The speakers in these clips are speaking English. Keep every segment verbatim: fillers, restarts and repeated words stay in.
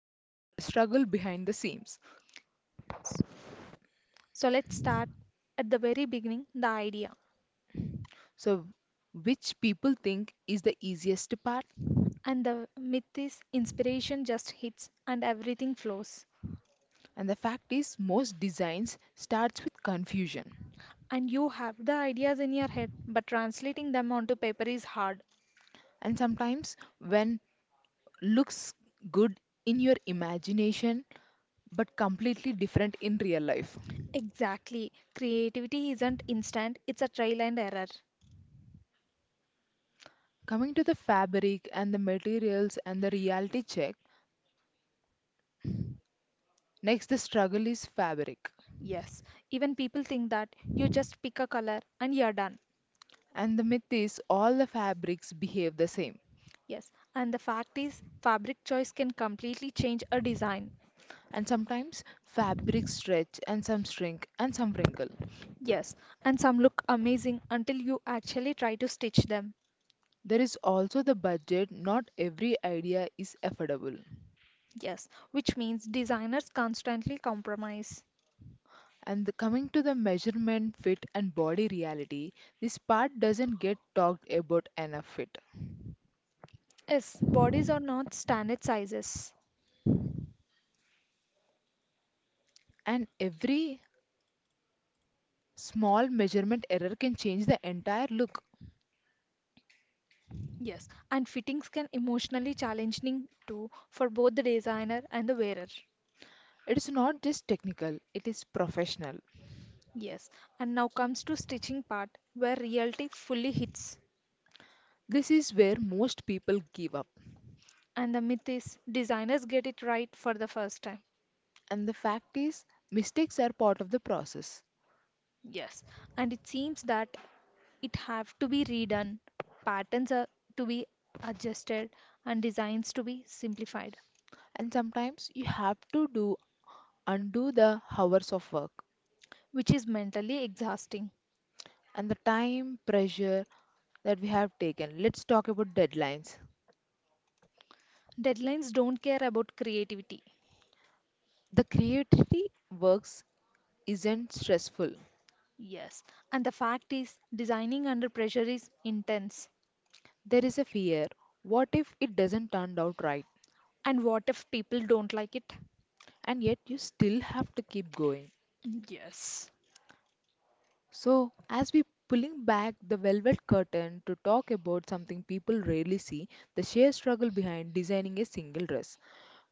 is about the struggle behind the seams. So let's start at the very beginning, the idea. So which people think is the easiest part And the myth is inspiration just hits and everything flows. and the fact is most designs starts with confusion And you have the ideas in your head, but translating them onto paper is hard. and sometimes when looks good in your imagination but completely different in real life. Exactly. Creativity isn't instant, it's a trial and error. Coming to the fabric and the materials and the reality check, next the struggle is fabric. Yes, even people think that you just pick a color and you're done. And the myth is all the fabrics behave the same. Yes, and the fact is, fabric choice can completely change a design. And sometimes fabrics stretch and some shrink and some wrinkle. Yes, and some look amazing until you actually try to stitch them. There is also the budget, not every idea is affordable. Yes, which means designers constantly compromise. And the- coming to the measurement, fit, and body reality, this part doesn't get talked about enough. It. Yes, bodies are not standard sizes. And every small measurement error can change the entire look. Yes, and fittings can emotionally challenging too for both the designer and the wearer. It's not just technical, it is professional. Yes, and now comes to stitching part where reality fully hits, This is where most people give up. and the myth is designers get it right for the first time. And the fact is, mistakes are part of the process. Yes, and it seems that it have to be redone, patterns are to be adjusted and designs to be simplified, And sometimes you have to do undo the hours of work which is mentally exhausting. and the time pressure that we have taken. Let's talk about deadlines. Deadlines don't care about creativity. The creativity works isn't stressful. Yes, and the fact is designing under pressure is intense. There is a fear. What if it doesn't turn out right? And what if people don't like it? And yet you still have to keep going. Yes. So, as we pulling back the velvet curtain to talk about something people rarely see, the sheer struggle behind designing a single dress.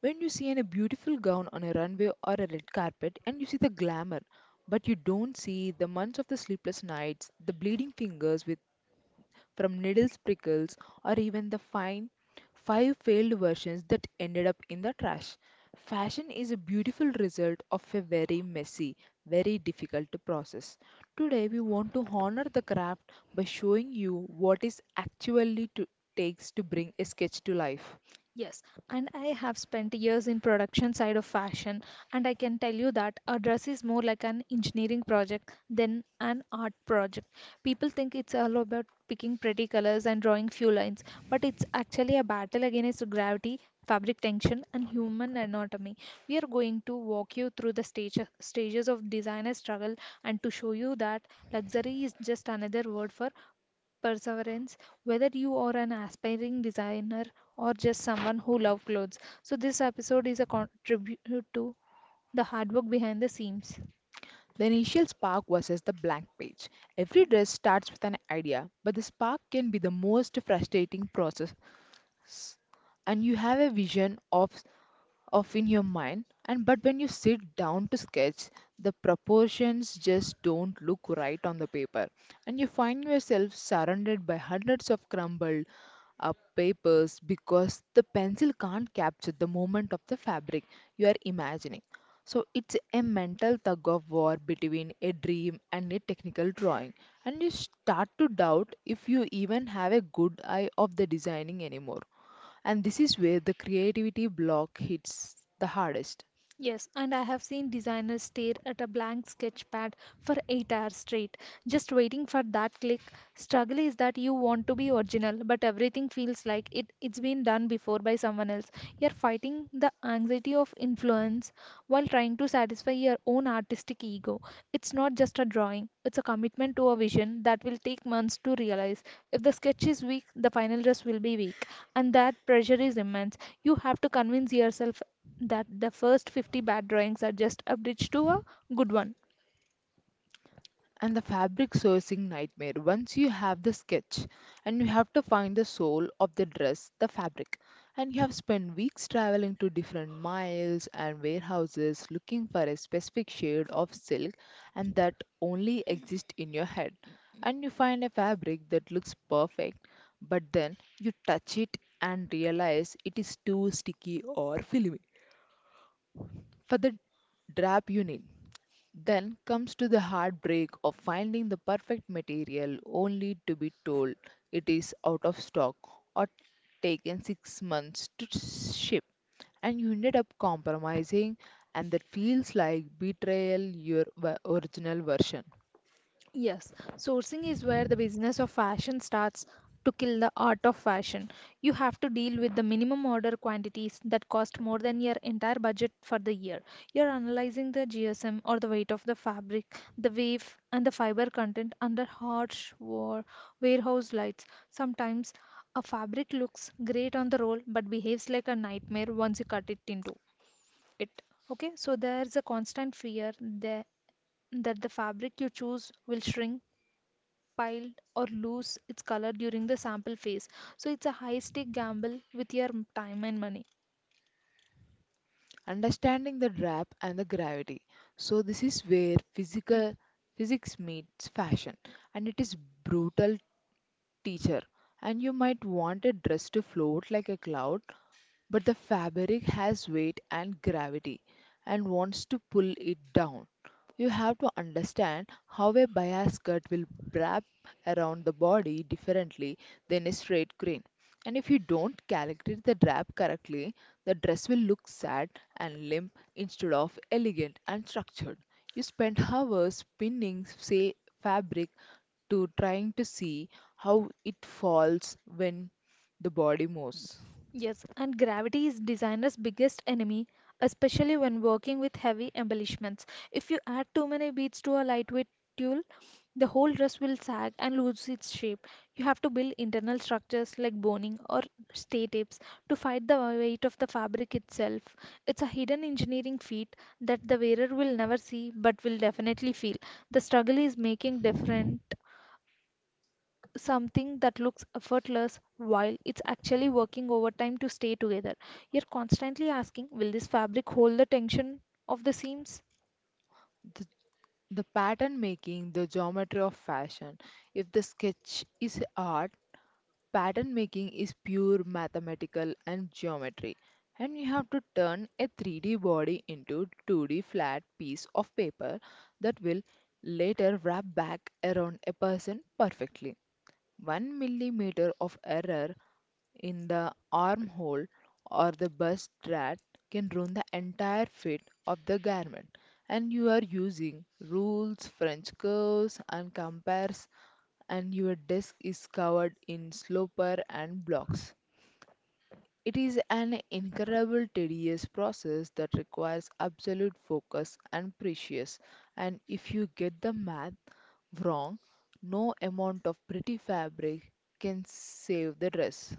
When you see in a beautiful gown on a runway or a red carpet and you see the glamour, but you don't see the months of the sleepless nights, the bleeding fingers with from needles, prickles, or even the fine five failed versions that ended up in the trash. Fashion is a beautiful result of a very messy, very difficult to process. Today, we want to honor the craft by showing you what is actually to, takes to bring a sketch to life. Yes, and I have spent years in production side of fashion, and I can tell you that a dress is more like an engineering project than an art project. People think it's all about picking pretty colors and drawing few lines, but it's actually a battle against gravity, fabric tension and human anatomy. We are going to walk you through the stage, stages of designer struggle and to show you that luxury is just another word for perseverance, whether you are an aspiring designer or just someone who loves clothes. So, this episode is a contribute to the hard work behind the scenes. The initial spark versus the blank page. Every dress starts with an idea, but the spark can be the most frustrating process and you have a vision of of in your mind and but when you sit down to sketch, the proportions just don't look right on the paper, and you find yourself surrounded by hundreds of crumbled up papers because the pencil can't capture the moment of the fabric you are imagining. So it's a mental tug of war between a dream and a technical drawing, and you start to doubt if you even have a good eye of the designing anymore, and this is where the creativity block hits the hardest. Yes, and I have seen designers stare at a blank sketchpad for eight hours straight, just waiting for that click. Struggle is that you want to be original, but everything feels like it, it's been done before by someone else. You're fighting the anxiety of influence while trying to satisfy your own artistic ego. It's not just a drawing, it's a commitment to a vision that will take months to realize. If the sketch is weak, the final dress will be weak, and that pressure is immense. You have to convince yourself that the first fifty bad drawings are just a bridge to a good one. And the fabric sourcing nightmare. Once you have the sketch and you have to find the soul of the dress, the fabric, and you have spent weeks traveling to different miles and warehouses looking for a specific shade of silk and that only exists in your head. And you find a fabric that looks perfect, but then you touch it and realize it is too sticky or filmy for the drab you need. Then comes to the heartbreak of finding the perfect material only to be told it is out of stock or taken six months to ship, and you ended up compromising, and that feels like betrayal your v- original version. Yes, sourcing is where the business of fashion starts to kill the art of fashion. You have to deal with the minimum order quantities that cost more than your entire budget for the year. You're analyzing the G S M or the weight of the fabric, the wave, and the fiber content under harsh war, warehouse lights. Sometimes a fabric looks great on the roll but behaves like a nightmare once you cut it into it. Okay, so there's a constant fear that that the fabric you choose will shrink, pile, or lose its color during the sample phase. So it's a high stake gamble with your m- time and money. Understanding the drab and the gravity, so this is where physical physics meets fashion and it is brutal teacher, and you might want a dress to float like a cloud but the fabric has weight and gravity and wants to pull it down. You have to understand how a bias cut will wrap around the body differently than a straight grain. And if you don't calculate the wrap correctly, the dress will look sad and limp instead of elegant and structured. You spend hours spinning, say, fabric to trying to see how it falls when the body moves. Yes, and gravity is designer's biggest enemy, especially when working with heavy embellishments. If you add too many beads to a lightweight tulle, the whole dress will sag and lose its shape. You have to build internal structures like boning or stay tapes to fight the weight of the fabric itself. It's a hidden engineering feat that the wearer will never see but will definitely feel. The struggle is making different something that looks effortless while it's actually working overtime to stay together. You're constantly asking, will this fabric hold the tension of the seams? The The pattern making, the geometry of fashion. If the sketch is art, pattern making is pure mathematical and geometry. And you have to turn a three D body into two D flat piece of paper that will later wrap back around a person perfectly. One millimeter of error in the armhole or the bust strap can ruin the entire fit of the garment, and you are using rules french curves and compares, and your desk is covered in sloper and blocks. It is an incredible tedious process that requires absolute focus and precious, and if you get the math wrong, no amount of pretty fabric can save the dress.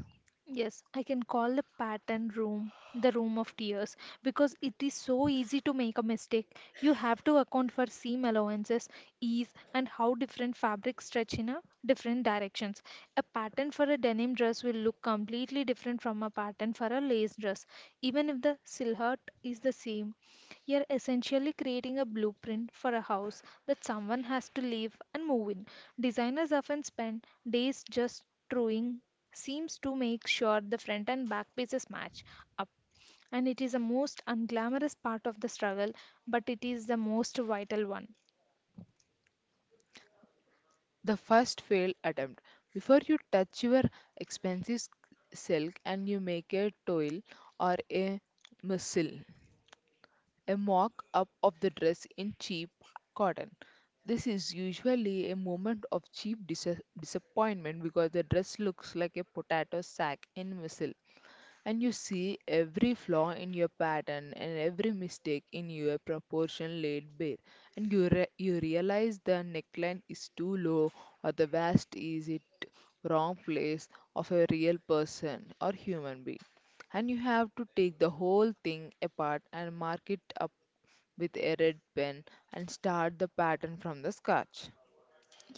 Yes, I can call the pattern room the room of tears because it is so easy to make a mistake. You have to account for seam allowances, ease, and how different fabrics stretch in a different directions. A pattern for a denim dress will look completely different from a pattern for a lace dress, even if the silhouette is the same. You're essentially creating a blueprint for a house that someone has to live and move in. Designers often spend days just drawing seems to make sure the front and back pieces match up. And it is the most unglamorous part of the struggle, but it is the most vital one. The first failed attempt. Before you touch your expensive silk and you make a toil or a missile, a mock up of the dress in cheap cotton. This is usually a moment of cheap dis- disappointment because the dress looks like a potato sack in missile, and you see every flaw in your pattern and every mistake in your proportion laid bare, and you re- you realize the neckline is too low or the vast is it wrong place of a real person or human being, and you have to take the whole thing apart and mark it up with a red pen and start the pattern from the scratch.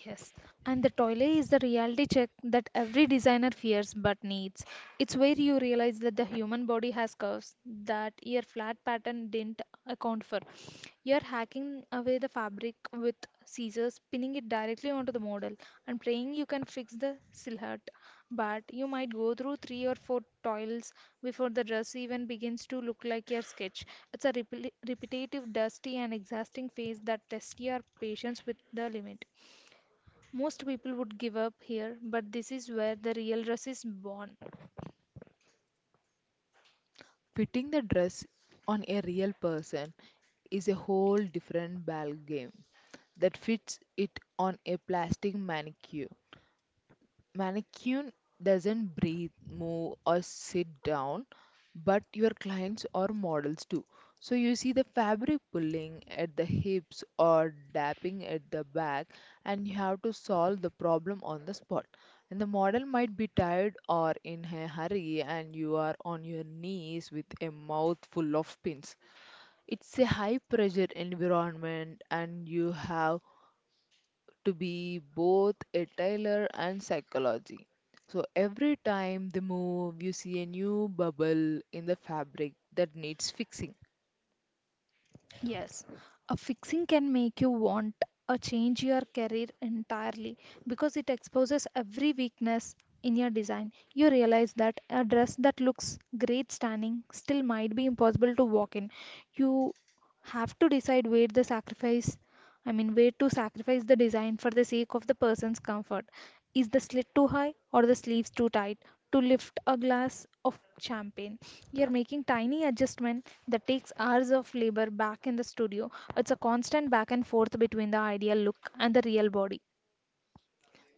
Yes, and the toilet is the reality check that every designer fears but needs. It's where you realize that the human body has curves that your flat pattern didn't account for. You're hacking away the fabric with scissors, pinning it directly onto the model, and praying you can fix the silhouette. But you might go through three or four toils before the dress even begins to look like your sketch. It's a repli repetitive, dusty, and exhausting phase that tests your patience with the limit. Most people would give up here, but this is where the real rush is born. Fitting the dress on a real person is a whole different ball game that fits it on a plastic mannequin. Mannequin doesn't breathe, move, or sit down, but your clients are models too. So you see the fabric pulling at the hips or dapping at the back, and you have to solve the problem on the spot. And the model might be tired or in a hurry, and you are on your knees with a mouth full of pins. It's a high pressure environment, and you have to be both a tailor and psychology. So every time they move, you see a new bubble in the fabric that needs fixing. Yes, a fixing can make you want a change your career entirely, because it exposes every weakness in your design. You realize that a dress that looks great standing still might be impossible to walk in. You have to decide where the sacrifice, I mean, way to sacrifice the design for the sake of the person's comfort. Is the slit too high or the sleeves too tight to lift a glass of champagne? You're making tiny adjustment that takes hours of labor back in the studio. It's a constant back and forth between the ideal look and the real body.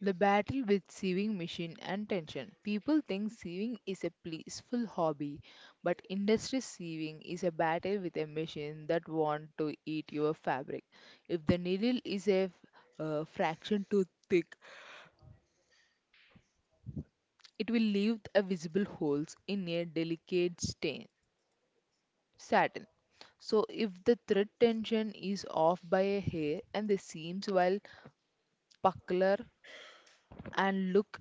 The battle with sewing machine and tension. People think sewing is a peaceful hobby, but industry sewing is a battle with a machine that want to eat your fabric. If the needle is a uh, fraction too thick, it will leave a visible holes in a delicate stain. Saturn. So if the thread tension is off by a hair and the seams will buckler and look,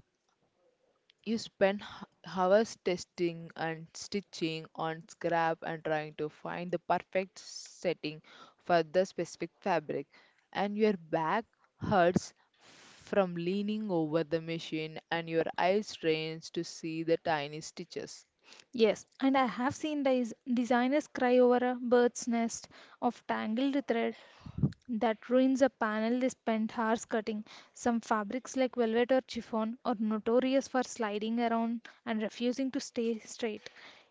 you spend h- hours testing and stitching on scrap and trying to find the perfect setting for the specific fabric, and your back hurts from leaning over the machine and your eye strains to see the tiny stitches. Yes, and I have seen des- designers cry over a bird's nest of tangled thread that ruins a panel they spend hours cutting. Some fabrics like velvet or chiffon are notorious for sliding around and refusing to stay straight.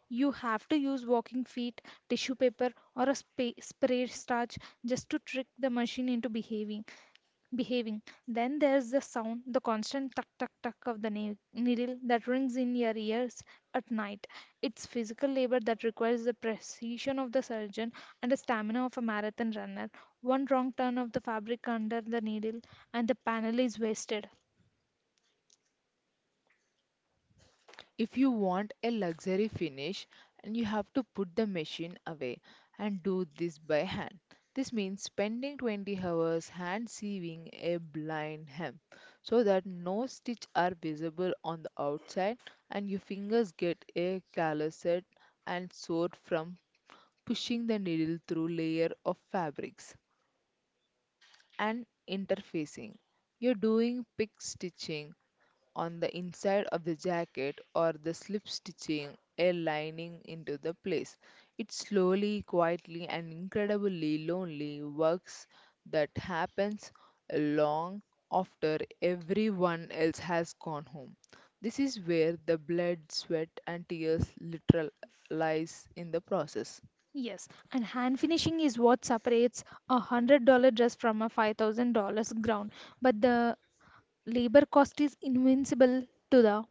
You have to use walking feet, tissue paper, or a spa- spray starch just to trick the machine into behaving behaving. Then there's the sound, the constant tuck tuck tuck of the nail, needle that rings in your ears at night. It's physical labor that requires the precision of the surgeon and the stamina of a marathon runner. One wrong turn of the fabric under the needle and the panel is wasted. If you want a luxury finish and you have to put the machine away and do this by hand. This means spending twenty hours hand sewing a blind hem so that no stitch are visible on the outside, and your fingers get a calloused and sore from pushing the needle through layer of fabrics and interfacing. You're doing pick stitching on the inside of the jacket or the slip stitching a lining into the place. It slowly, quietly, and incredibly lonely works that happens long after everyone else has gone home. This is where the blood, sweat, and tears literal lies in the process. Yes, and hand finishing is what separates a hundred dollar dress from a five thousand dollars gown. But the labor cost is invincible to the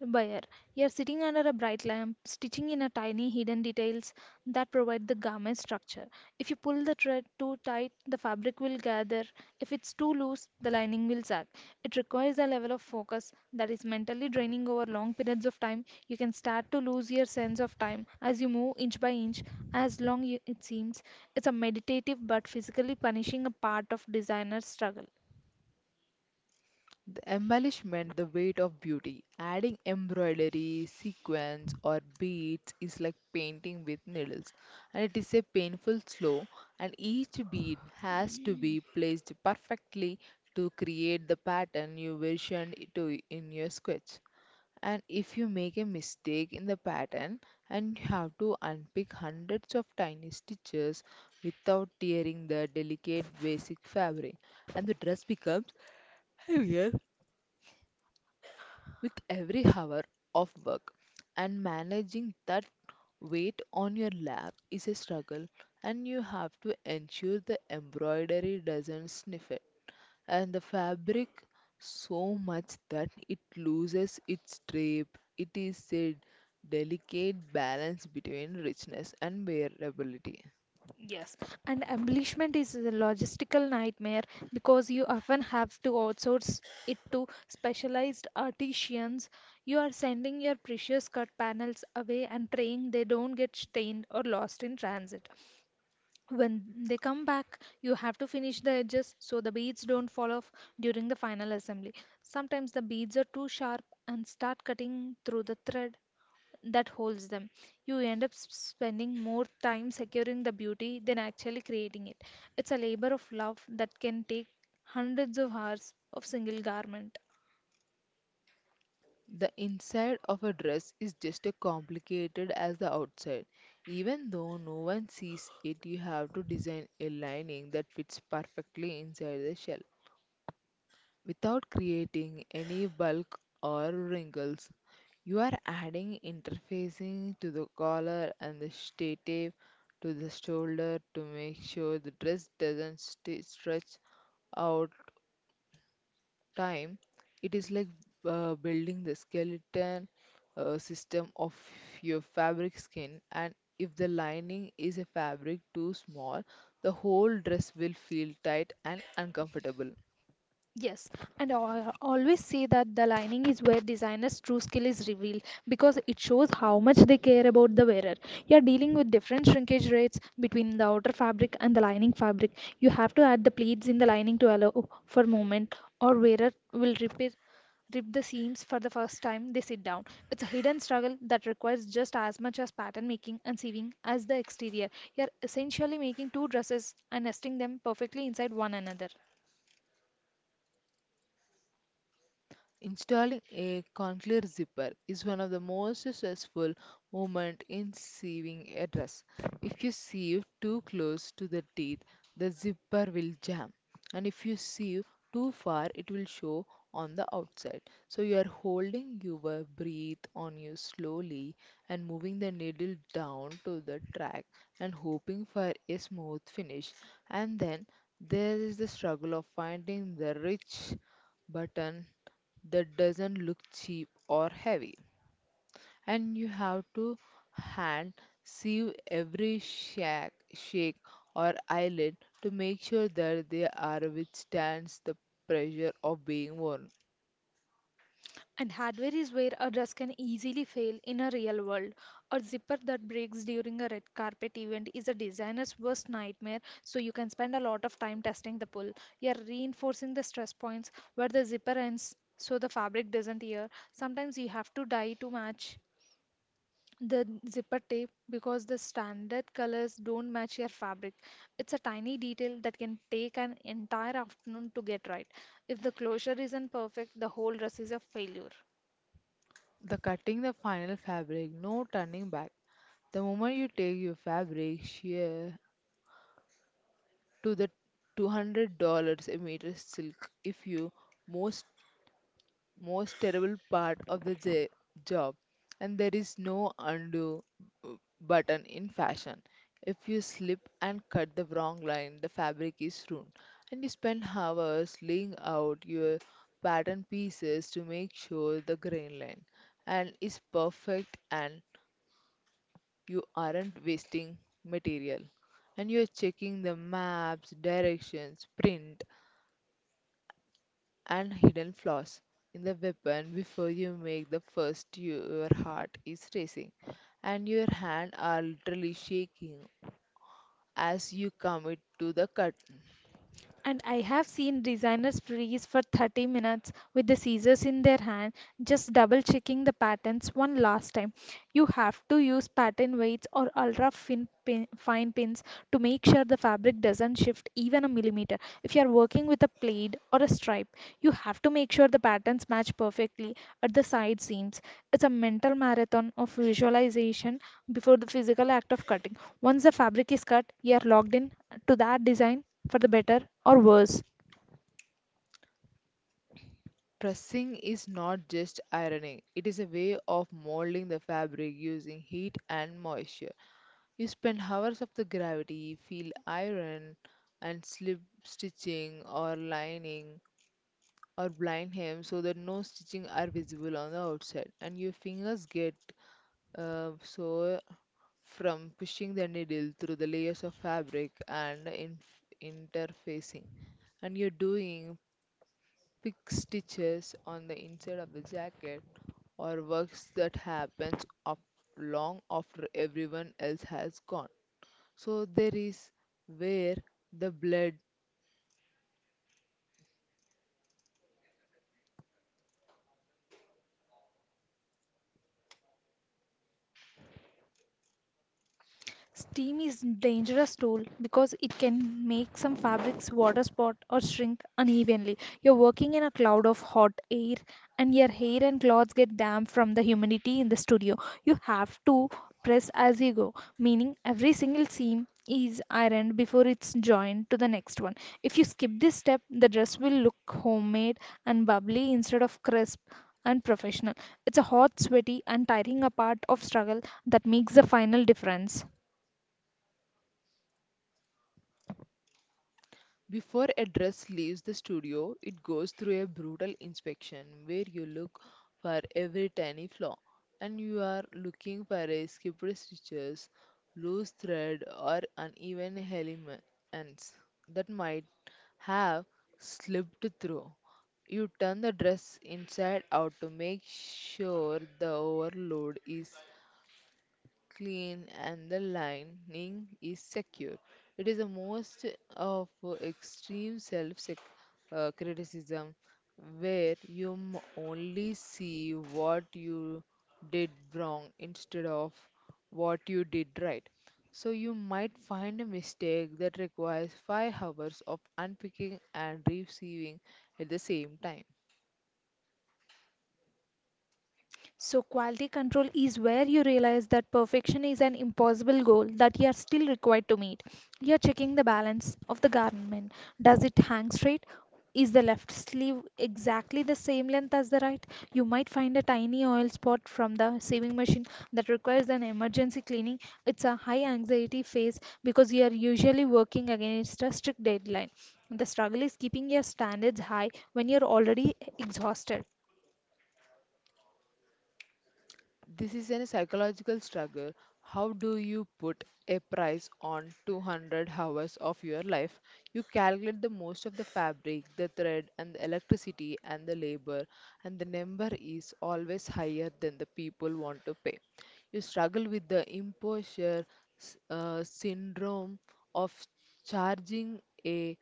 Buyer. You're sitting under a bright lamp, stitching in a tiny hidden details that provide the garment structure. If you pull the thread too tight, the fabric will gather. If it's too loose, the lining will sag. It requires a level of focus that is mentally draining over long periods of time. You can start to lose your sense of time as you move inch by inch, as long y- it seems. It's a meditative but physically punishing a part of designer's struggle. The embellishment, the weight of beauty. Adding embroidery, sequins, or beads is like painting with needles, and it is a painful slow. And each bead has to be placed perfectly to create the pattern you visioned to in your sketch. And if you make a mistake in the pattern, and you have to unpick hundreds of tiny stitches without tearing the delicate basic fabric, and the dress becomes heavier with every hour of work, and managing that weight on your lap is a struggle, and you have to ensure the embroidery doesn't sniff it and the fabric so much that it loses its drape. It is a delicate balance between richness and wearability. Yes, and embellishment is a logistical nightmare because you often have to outsource it to specialized artisans. You are sending your precious cut panels away and praying they don't get stained or lost in transit. When they come back, you have to finish the edges so the beads don't fall off during the final assembly. Sometimes the beads are too sharp and start cutting through the thread that holds them. You end up s- spending more time securing the beauty than actually creating it. It's a labor of love that can take hundreds of hours of single garment. The inside of a dress is just as complicated as the outside. Even though no one sees it, you have to design a lining that fits perfectly inside the shell without creating any bulk or wrinkles. You are adding interfacing to the collar and the stay tape to the shoulder to make sure the dress doesn't stay stretch out time. It is like uh, building the skeleton uh, system of your fabric skin. And if the lining is a fabric too small, the whole dress will feel tight and uncomfortable. Yes, and I always say that the lining is where designer's true skill is revealed, because it shows how much they care about the wearer. You are dealing with different shrinkage rates between the outer fabric and the lining fabric. You have to add the pleats in the lining to allow for movement, or wearer will rip it, rip the seams for the first time they sit down. It's a hidden struggle that requires just as much as pattern making and sewing as the exterior. You are essentially making two dresses and nesting them perfectly inside one another. Installing a cochlear zipper is one of the most stressful moments in sewing a dress. If you sew too close to the teeth, the zipper will jam, and if you sew too far, it will show on the outside. So you are holding your breath on you slowly and moving the needle down to the track and hoping for a smooth finish. And then there is the struggle of finding the rich button that doesn't look cheap or heavy. And you have to hand sieve every shake, shake or eyelid to make sure that they are withstands the pressure of being worn. And hardware is where a dress can easily fail in a real world. A zipper that breaks during a red carpet event is a designer's worst nightmare, so you can spend a lot of time testing the pull. You're reinforcing the stress points where the zipper ends so the fabric doesn't tear. Sometimes you have to dye to match the zipper tape because the standard colors don't match your fabric. It's a tiny detail that can take an entire afternoon to get right. If the closure isn't perfect, the whole dress is a failure. The cutting the final fabric, no turning back. The moment you take your fabric shear to the two hundred dollars a meter silk if you most most terrible part of the j- job, and there is no undo uh, button in fashion. If you slip and cut the wrong line, the fabric is ruined, and you spend hours laying out your pattern pieces to make sure the grain line and is perfect and you aren't wasting material, and you're checking the maps, directions, print, and hidden flaws in the weapon before you make the first your heart is racing and your hand are literally shaking as you commit to the cut. And I have seen designers freeze for thirty minutes with the scissors in their hand, just double checking the patterns one last time. You have to use pattern weights or ultra fin pin, fine pins to make sure the fabric doesn't shift even a millimeter. If you are working with a plaid or a stripe, you have to make sure the patterns match perfectly at the side seams. It's a mental marathon of visualization before the physical act of cutting. Once the fabric is cut, you are locked in to that design for the better or worse. Pressing is not just ironing, it is a way of molding the fabric using heat and moisture. You spend hours of the gravity feel iron and slip stitching or lining or blind hem so that no stitching are visible on the outside, and your fingers get Uh, so, from pushing the needle through the layers of fabric and inf interfacing, and you're doing pick stitches on the inside of the jacket or works that happens up long after everyone else has gone. So there is where the blood. Steam is dangerous tool because it can make some fabrics water spot or shrink unevenly. You're working in a cloud of hot air, and your hair and clothes get damp from the humidity in the studio. You have to press as you go, meaning every single seam is ironed before it's joined to the next one. If you skip this step, the dress will look homemade and bubbly instead of crisp and professional. It's a hot, sweaty, and tiring a part of struggle that makes the final difference. Before a dress leaves the studio, it goes through a brutal inspection where you look for every tiny flaw, and you are looking for a skipped stitches, loose thread, or uneven elements that might have slipped through. You turn the dress inside out to make sure the overload is clean, and the lining is secure. It is the most of extreme self sec- uh, criticism where you m- only see what you did wrong instead of what you did right. So you might find a mistake that requires five hours of unpicking and receiving at the same time. So, quality control is where you realize that perfection is an impossible goal that you are still required to meet. You are checking the balance of the garment. Does it hang straight? Is the left sleeve exactly the same length as the right? You might find a tiny oil spot from the sewing machine that requires an emergency cleaning. It's a high anxiety phase because you are usually working against a strict deadline. The struggle is keeping your standards high when you're already exhausted. This is a psychological struggle. How do you put a price on two hundred hours of your life? You calculate the most of the fabric, the thread, and the electricity and the labor, and the number is always higher than the people want to pay. You struggle with the imposture s- uh, syndrome of charging a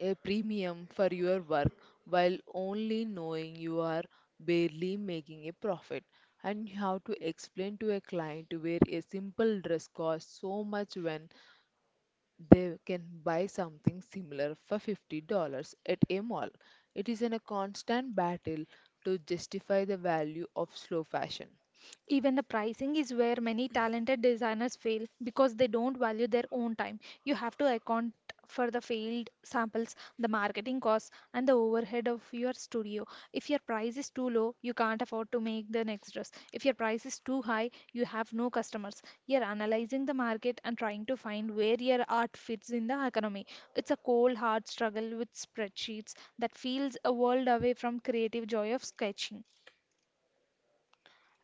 a premium for your work while only knowing you are barely making a profit, and how to explain to a client where a simple dress costs so much when they can buy something similar for fifty dollars at a mall. It is in a constant battle to justify the value of slow fashion. Even the pricing is where many talented designers fail because they don't value their own time. You have to account for the failed samples, the marketing costs, and the overhead of your studio. If your price is too low, you can't afford to make the next dress. If your price is too high, you have no customers. You're analyzing the market and trying to find where your art fits in the economy. It's a cold, hard struggle with spreadsheets that feels a world away from creative joy of sketching.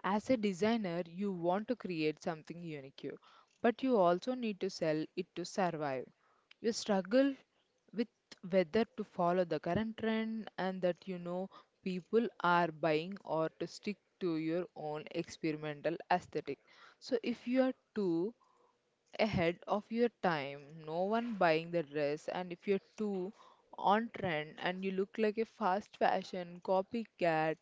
As a designer, you want to create something unique, but you also need to sell it to survive. You struggle with whether to follow the current trend and that you know people are buying or to stick to your own experimental aesthetic. So if you are too ahead of your time, no one buying the dress, and if you're too on trend and you look like a fast fashion copycat,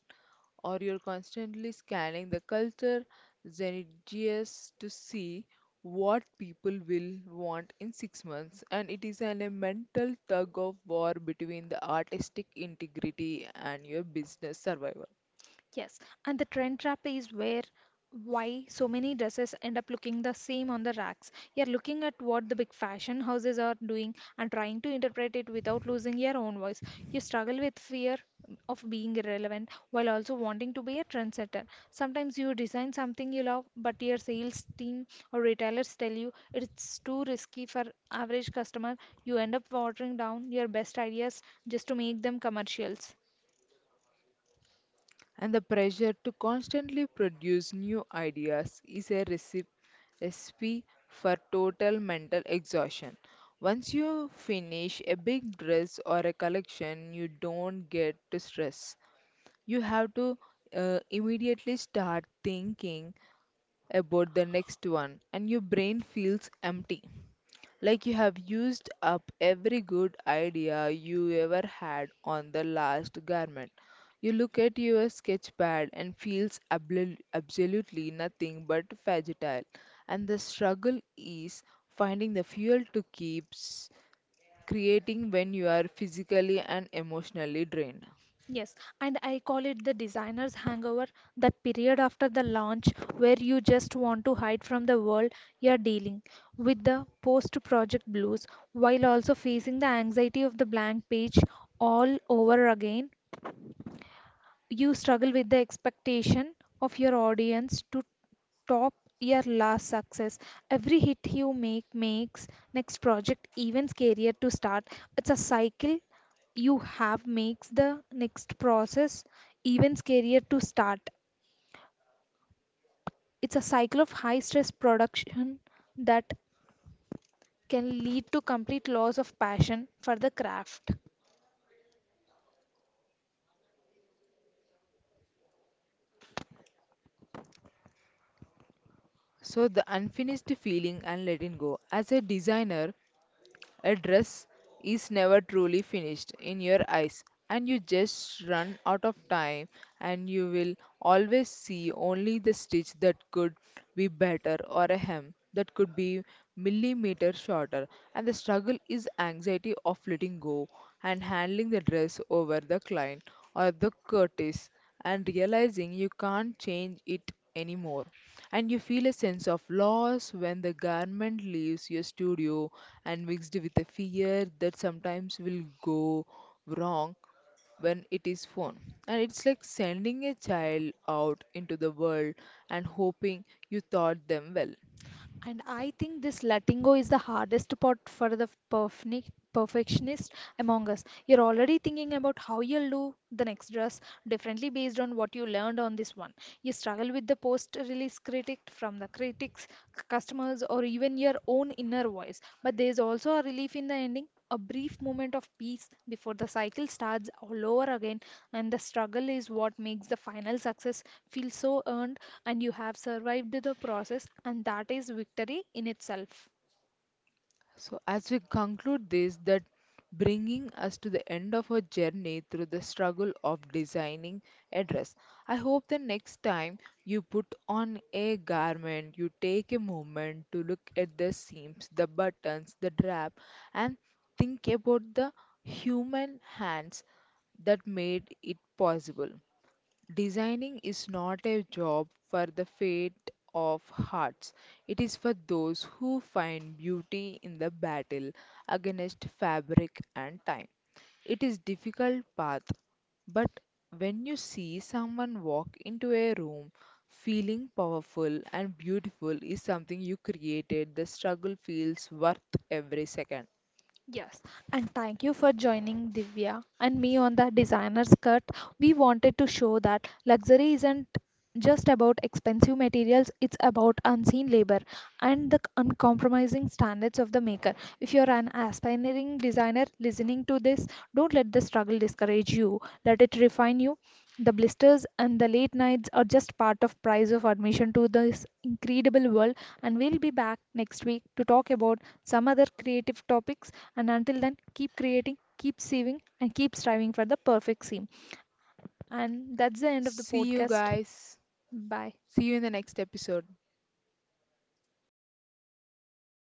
or you're constantly scanning the culture zeitgeist to see what people will want in six months. And it is an, a mental tug of war between the artistic integrity and your business survival, Yes, and the trend trap is where why so many dresses end up looking the same on the racks. You're looking at what the big fashion houses are doing and trying to interpret it without losing your own voice. You struggle with fear of being irrelevant while also wanting to be a trendsetter. Sometimes you design something you love, but your sales team or retailers tell you it's too risky for average customer. You end up watering down your best ideas just to make them commercials. and the pressure to constantly produce new ideas is a recipe recipe for total mental exhaustion. Once you finish a big dress or a collection, you don't get to stress, you have to uh, immediately start thinking about the next one, and your brain feels empty like you have used up every good idea you ever had on the last garment. You look at your sketch pad and feels abl- absolutely nothing but fragile, and the struggle is finding the fuel to keep s- creating when you are physically and emotionally drained. Yes, and I call it the designer's hangover, that period after the launch where you just want to hide from the world. You're dealing with the post-project blues while also facing the anxiety of the blank page all over again. You struggle with the expectation of your audience to top your last success. Every hit you make makes next project even scarier to start. It's a cycle you have makes the next process even scarier to start. It's a cycle of high stress production that can lead to complete loss of passion for the craft. So, the unfinished feeling and letting go. As a designer, a dress is never truly finished in your eyes, and you just run out of time, and you will always see only the stitch that could be better or a hem that could be millimeter shorter. And the struggle is anxiety of letting go and handling the dress over the client or the curtis and realizing you can't change it anymore. And you feel a sense of loss when the garment leaves your studio and mixed with a fear that sometimes will go wrong when it is phone. And it's like sending a child out into the world and hoping you taught them well. And I think this letting go is the hardest part for the perfni- perfectionist among us. You're already thinking about how you'll do the next dress differently based on what you learned on this one. You struggle with the post release critic from the critics, c- customers, or even your own inner voice. But there's also a relief in the ending. A brief moment of peace before the cycle starts all over again, and the struggle is what makes the final success feel so earned, and you have survived the process, and that is victory in itself. So, as we conclude this, that bringing us to the end of our journey through the struggle of designing a dress. I hope the next time you put on a garment, you take a moment to look at the seams, the buttons, the drap, and think about the human hands that made it possible. Designing is not a job for the faint of hearts. It is for those who find beauty in the battle against fabric and time. It is difficult path, but when you see someone walk into a room feeling powerful and beautiful is something you created, the struggle feels worth every second. Yes, and thank you for joining Divya and me on the designer's cut. We wanted to show that luxury isn't just about expensive materials, it's about unseen labor and the uncompromising standards of the maker. If you're an aspiring designer listening to this, don't let the struggle discourage you. Let it refine you. The blisters and the late nights are just part of price of admission to this incredible world, and we'll be back next week to talk about some other creative topics, and until then keep creating, keep saving and keep striving for the perfect scene. And that's the end of the See you podcast. guys. Bye. See you in the next episode.